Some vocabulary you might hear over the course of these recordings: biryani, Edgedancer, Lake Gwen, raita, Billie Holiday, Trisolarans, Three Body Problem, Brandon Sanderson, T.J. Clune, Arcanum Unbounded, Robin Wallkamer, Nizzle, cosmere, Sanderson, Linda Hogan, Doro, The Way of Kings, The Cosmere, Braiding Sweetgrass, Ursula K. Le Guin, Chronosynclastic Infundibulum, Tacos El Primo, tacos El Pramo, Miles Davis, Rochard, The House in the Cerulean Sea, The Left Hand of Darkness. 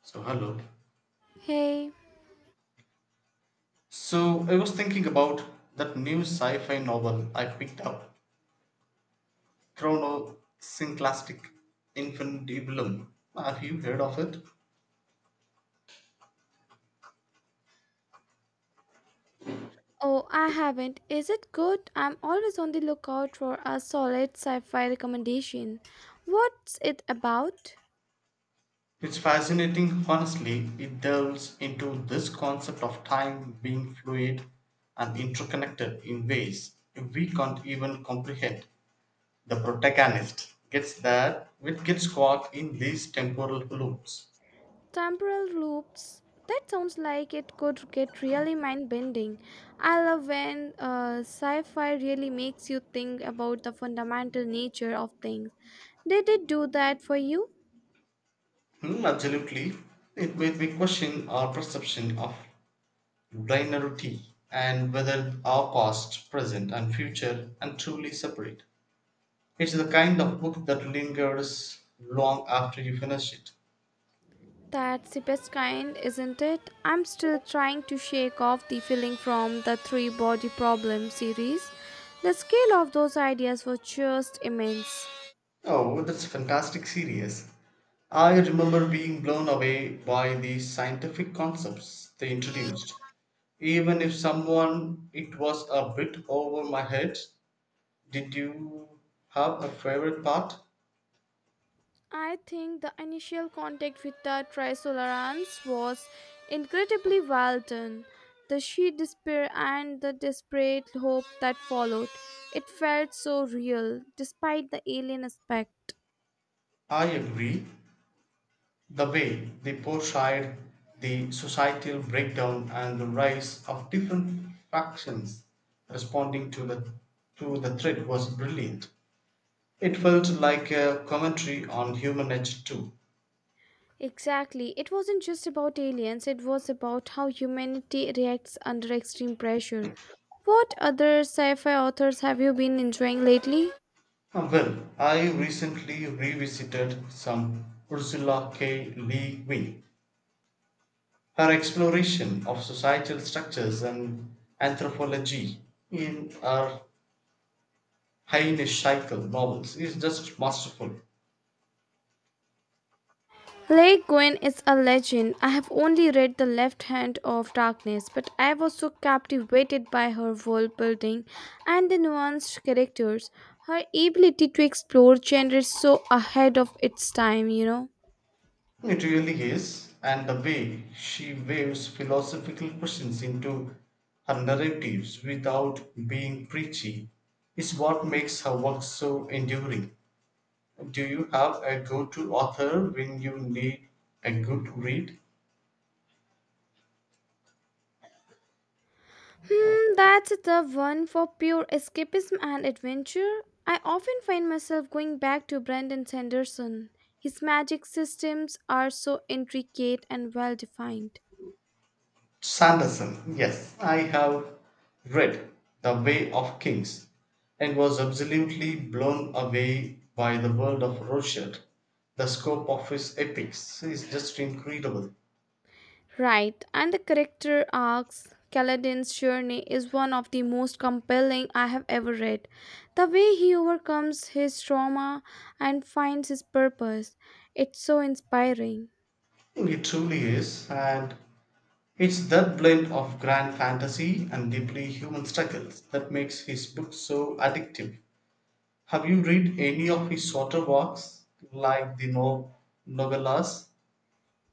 So, hello. Hey. So, I was thinking about that new sci fi novel I picked up, Chronosynclastic Infundibulum. Have you heard of it? Oh, I haven't. Is it good? I'm always on the lookout for a solid sci fi recommendation. What's it about? It's fascinating, honestly. It delves into this concept of time being fluid and interconnected in ways we can't even comprehend. The protagonist gets there with gets caught in these temporal loops. Temporal loops. That sounds like it could get really mind bending. I love when sci fi really makes you think about the fundamental nature of things. Did it do that for you? Hmm, absolutely. It made me question our perception of linearity and whether our past, present, and future are truly separate. It's the kind of book that lingers long after you finish it. That's the best kind, isn't it? I'm still trying to shake off the feeling from the Three Body Problem series. The scale of those ideas was just immense. Oh, that's a fantastic series. I remember being blown away by the scientific concepts they introduced. Even if someone it was a bit over my head, did you have a favorite part? I think the initial contact with the Trisolarans was incredibly well done. The sheer despair and the desperate hope that followed. It felt so real, despite the alien aspect. I agree. The way they portrayed the societal breakdown and the rise of different factions responding to the threat was brilliant. It felt like a commentary on human nature too. Exactly. It wasn't just about aliens, it was about how humanity reacts under extreme pressure. What other sci fi authors have you been enjoying lately? Well, I recently revisited some Ursula K. Le Guin. Her exploration of societal structures and anthropology in her Heine Scheitel novels is just masterful. Lake Gwen is a legend. I have only read The Left Hand of Darkness, but I was so captivated by her world building and the nuanced characters. Her ability to explore genre so ahead of its time, It really is, and the way she waves philosophical questions into her narratives without being preachy is what makes her work so enduring. Do you have a go to author when you need a good read? That's a tough one for pure escapism and adventure. I often find myself going back to Brendan Sanderson. His magic systems are so intricate and well defined. Sanderson, yes, I have read The Way of Kings and was absolutely blown away by the world of Rochard. The scope of his epics is just incredible. Right, and the character arcs. Kaladin's journey is one of the most compelling I have ever read. The way he overcomes his trauma and finds his purpose, it's so inspiring. It truly is, and it's that blend of grand fantasy and deeply human struggles that makes his books so addictive. Have you read any of his shorter works, like the no- novellas?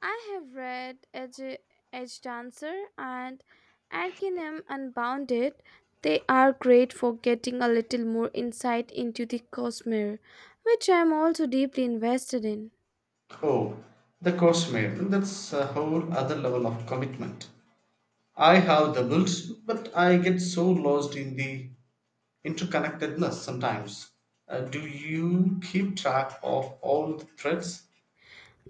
I have read Edge, Edge Dancer and Arcanum Unbounded. They are great for getting a little more insight into the cosmere, which I am also deeply invested in. Oh, The Cosmere. That's a whole other level of commitment. I have doubles, but I get so lost in the interconnectedness sometimes. Do you keep track of all the threads?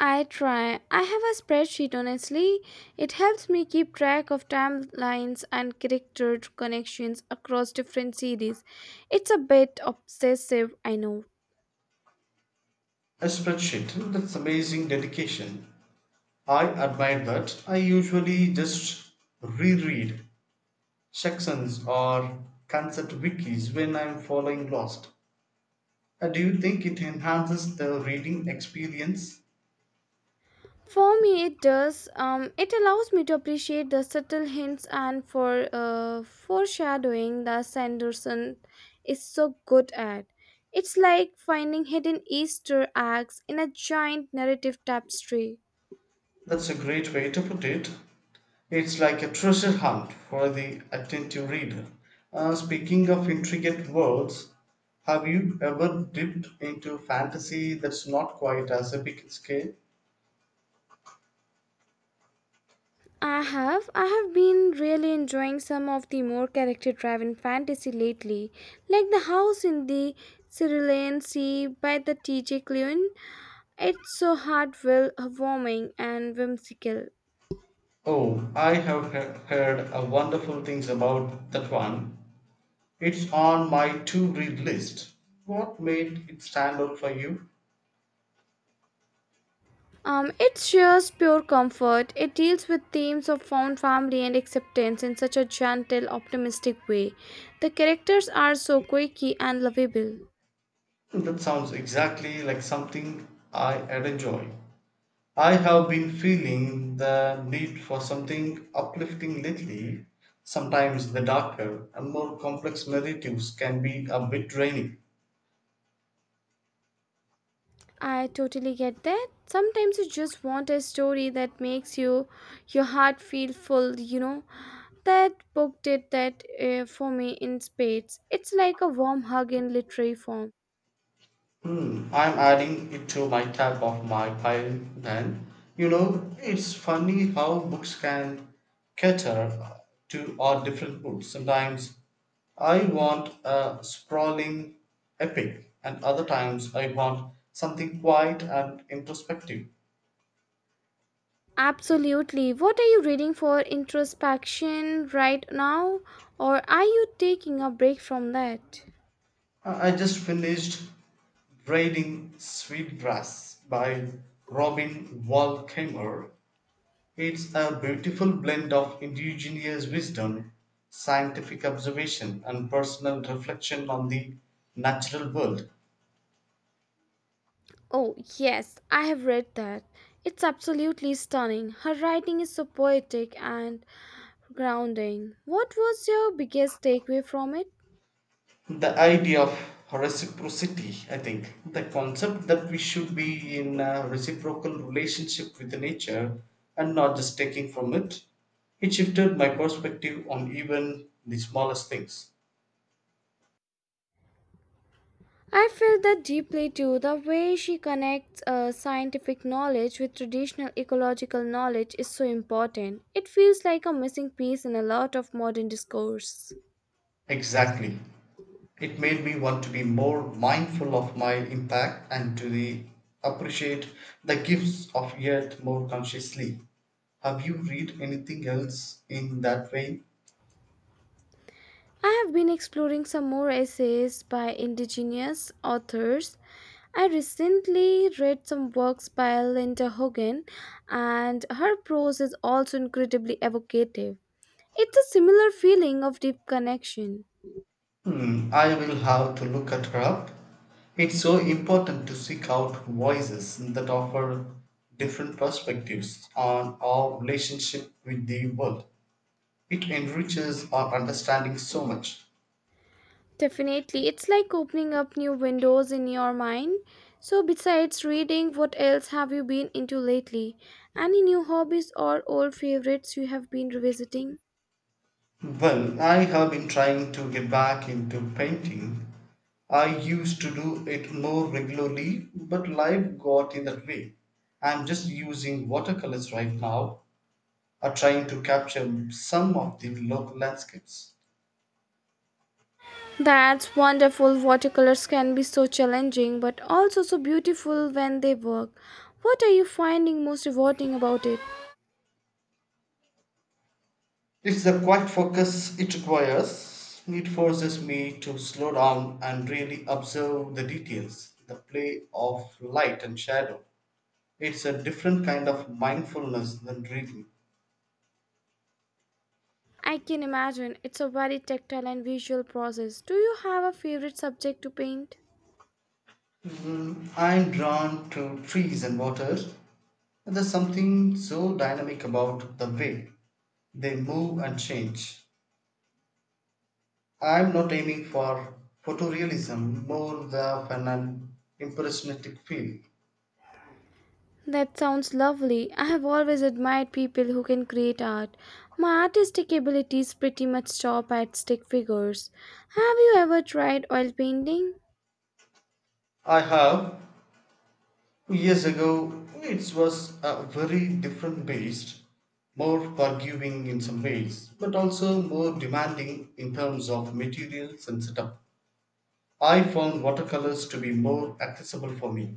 I try. I have a spreadsheet, honestly. It helps me keep track of timelines and character connections across different series. It's a bit obsessive, I know. A spreadsheet. That's amazing dedication. I admire that. I usually just reread sections or concept wikis when I'm following lost. Do you think it enhances the reading experience? For me, it does. It allows me to appreciate the subtle hints and foreshadowing that Sanderson is so good at. It's like finding hidden Easter eggs in a giant narrative tapestry. That's a great way to put it. It's like a treasure hunt for the attentive reader. Speaking of intricate worlds, have you ever dipped into fantasy that's not quite as epic in scale? I have been really enjoying some of the more character-driven fantasy lately, like The House in the Cerulean Sea by the T.J. Clune. It's so heartfelt, warming, and whimsical. Oh, I have heard wonderful things about that one. It's on my to read list. What made it stand out for you? It shares pure comfort. It deals with themes of found family and acceptance in such a gentle, optimistic way. The characters are so quirky and lovable. That sounds exactly like something I would enjoy. I have been feeling the need for something uplifting lately. Sometimes the darker and more complex narratives can be a bit draining. I totally get that. Sometimes you just want a story that makes you your heart feel full. That book did that for me in spades. It's like a warm hug in literary form. Hmm, I'm adding it to my tab of my pile then. You know, it's funny how books can cater to our different moods. Sometimes I want a sprawling epic, and other times I want something quiet and introspective. Absolutely. What are you reading for introspection right now? Or are you taking a break from that? I just finished Braiding Sweetgrass by Robin Wallkamer. It's a beautiful blend of indigenous wisdom, scientific observation, and personal reflection on the natural world. Oh, yes, I have read that. It's absolutely stunning. Her writing is so poetic and grounding. What was your biggest takeaway from it? The idea of reciprocity, I think, the concept that we should be in a reciprocal relationship with the nature and not just taking from it, it shifted my perspective on even the smallest things. I feel that deeply too. The way she connects scientific knowledge with traditional ecological knowledge is so important. It feels like a missing piece in a lot of modern discourse. Exactly. It made me want to be more mindful of my impact and appreciate the gifts of earth more consciously. Have you read anything else in that vein? I have been exploring some more essays by indigenous authors. I recently read some works by Linda Hogan, and her prose is also incredibly evocative. It's a similar feeling of deep connection. Hmm, I will have to look at her up. It's so important to seek out voices that offer different perspectives on our relationship with the world. It enriches our understanding so much. Definitely, it's like opening up new windows in your mind. So, besides reading, what else have you been into lately? Any new hobbies or old favorites you have been revisiting? Well, I have been trying to get back into painting. I used to do it more regularly, but life got in that way. I'm just using watercolors right now, or trying to capture some of the local landscapes. That's wonderful. Watercolors can be so challenging, but also so beautiful when they work. What are you finding most rewarding about it? It's the quiet focus it requires. It forces me to slow down and really observe the details, the play of light and shadow. It's a different kind of mindfulness than reading. I can imagine it's a very tactile and visual process. Do you have a favorite subject to paint? Mm, I'm drawn to trees and waters. There's something so dynamic about the way they move and change. I'm not aiming for photorealism more than an impressionistic feel. That sounds lovely. I have always admired people who can create art. My artistic abilities pretty much stop at stick figures. Have you ever tried oil painting? I have years ago. It was a very different beast, more forgiving in some ways, but also more demanding in terms of materials and setup. I found watercolors to be more accessible for me.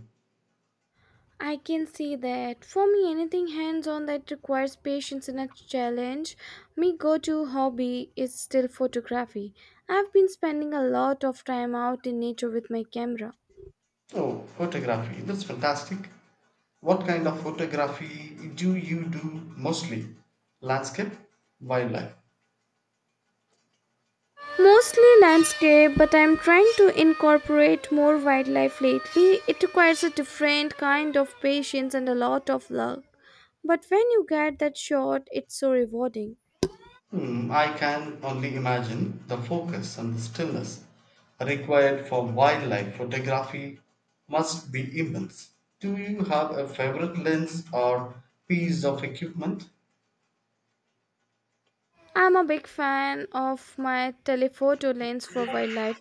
I can see that. For me, anything hands on that requires patience and a challenge. My go to hobby is still photography. I've been spending a lot of time out in nature with my camera. Oh, photography. That's fantastic. What kind of photography do you do mostly? Landscape, wildlife. Mostly landscape, but I'm trying to incorporate more wildlife lately. It requires a different kind of patience and a lot of luck. But when you get that shot, it's so rewarding. Hmm, I can only imagine the focus and the stillness required for wildlife photography must be immense. Do you have a favorite lens or piece of equipment? I'm a big fan of my telephoto lens for wildlife,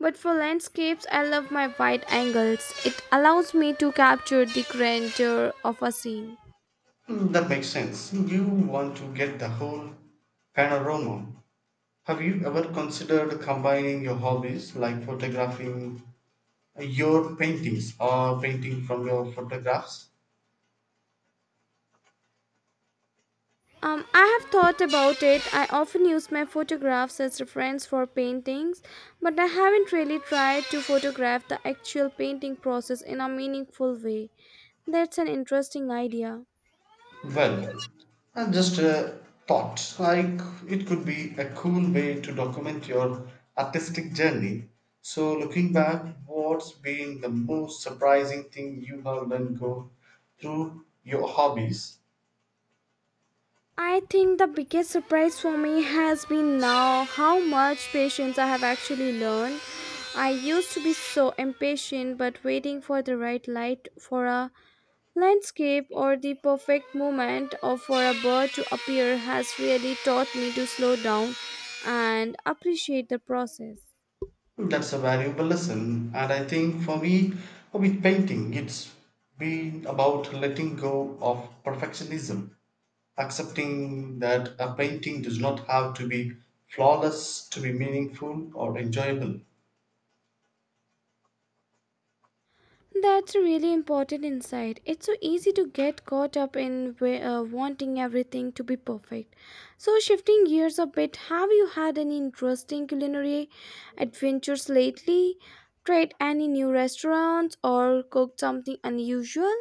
but for landscapes, I love my wide angles. It allows me to capture the grandeur of a scene. Hmm, that makes sense. You want to get the whole panorama. Have you ever considered combining your hobbies like photographing your paintings or painting from your photographs? I have thought about it. I often use my photographs as reference for paintings, but I haven't really tried to photograph the actual painting process in a meaningful way. That's an interesting idea. Well, just a thought, like it could be a cool way to document your artistic journey. So, looking back, what's been the most surprising thing you have learned go through your hobbies? I think the biggest surprise for me has been now how much patience I have actually learned. I used to be so impatient, but waiting for the right light for a landscape or the perfect moment or for a bird to appear has really taught me to slow down and appreciate the process. That's a valuable lesson, and I think for me, with painting, it's been about letting go of perfectionism, accepting that a painting does not have to be flawless to be meaningful or enjoyable. That's a really important insight. It's so easy to get caught up in wanting everything to be perfect. So, shifting gears a bit, have you had any interesting culinary adventures lately? Tried any new restaurants or cooked something unusual?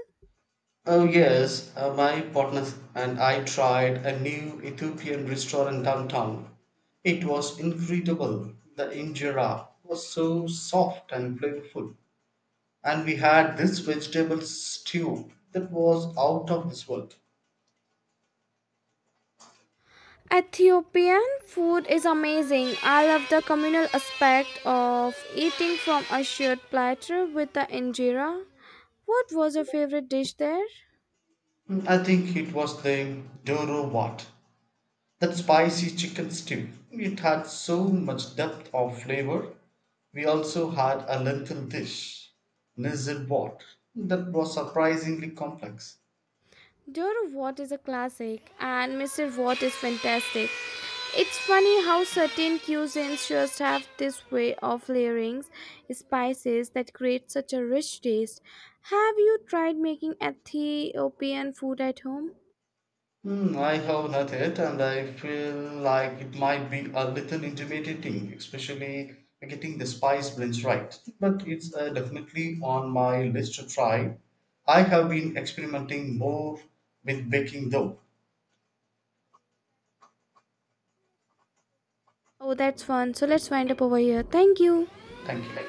Oh, yes, my partner and I tried a new Ethiopian restaurant downtown. It was incredible. The injera was so soft and flavorful, and we had this vegetable stew that was out of this world. Ethiopian food is amazing. I love the communal aspect of eating from a shared platter with the injera. What was your favorite dish there? Mm, I think it was the Doro, that spicy chicken stew. It had so much depth of flavor. We also had a lentil dish, Nizzle, that was surprisingly complex. Dora Watt is a classic, and Mr. Watt is fantastic. It's funny how certain cuisines just have this way of layering spices that create such a rich taste. Have you tried making Ethiopian food at home? Hmm, I have not yet, and I feel like it might be a little intimidating, especially getting the spice blends right. But it's definitely on my list to try. I have been experimenting more with baking dough. Oh, that's fun. So let's wind up over here. Thank you. Thank you.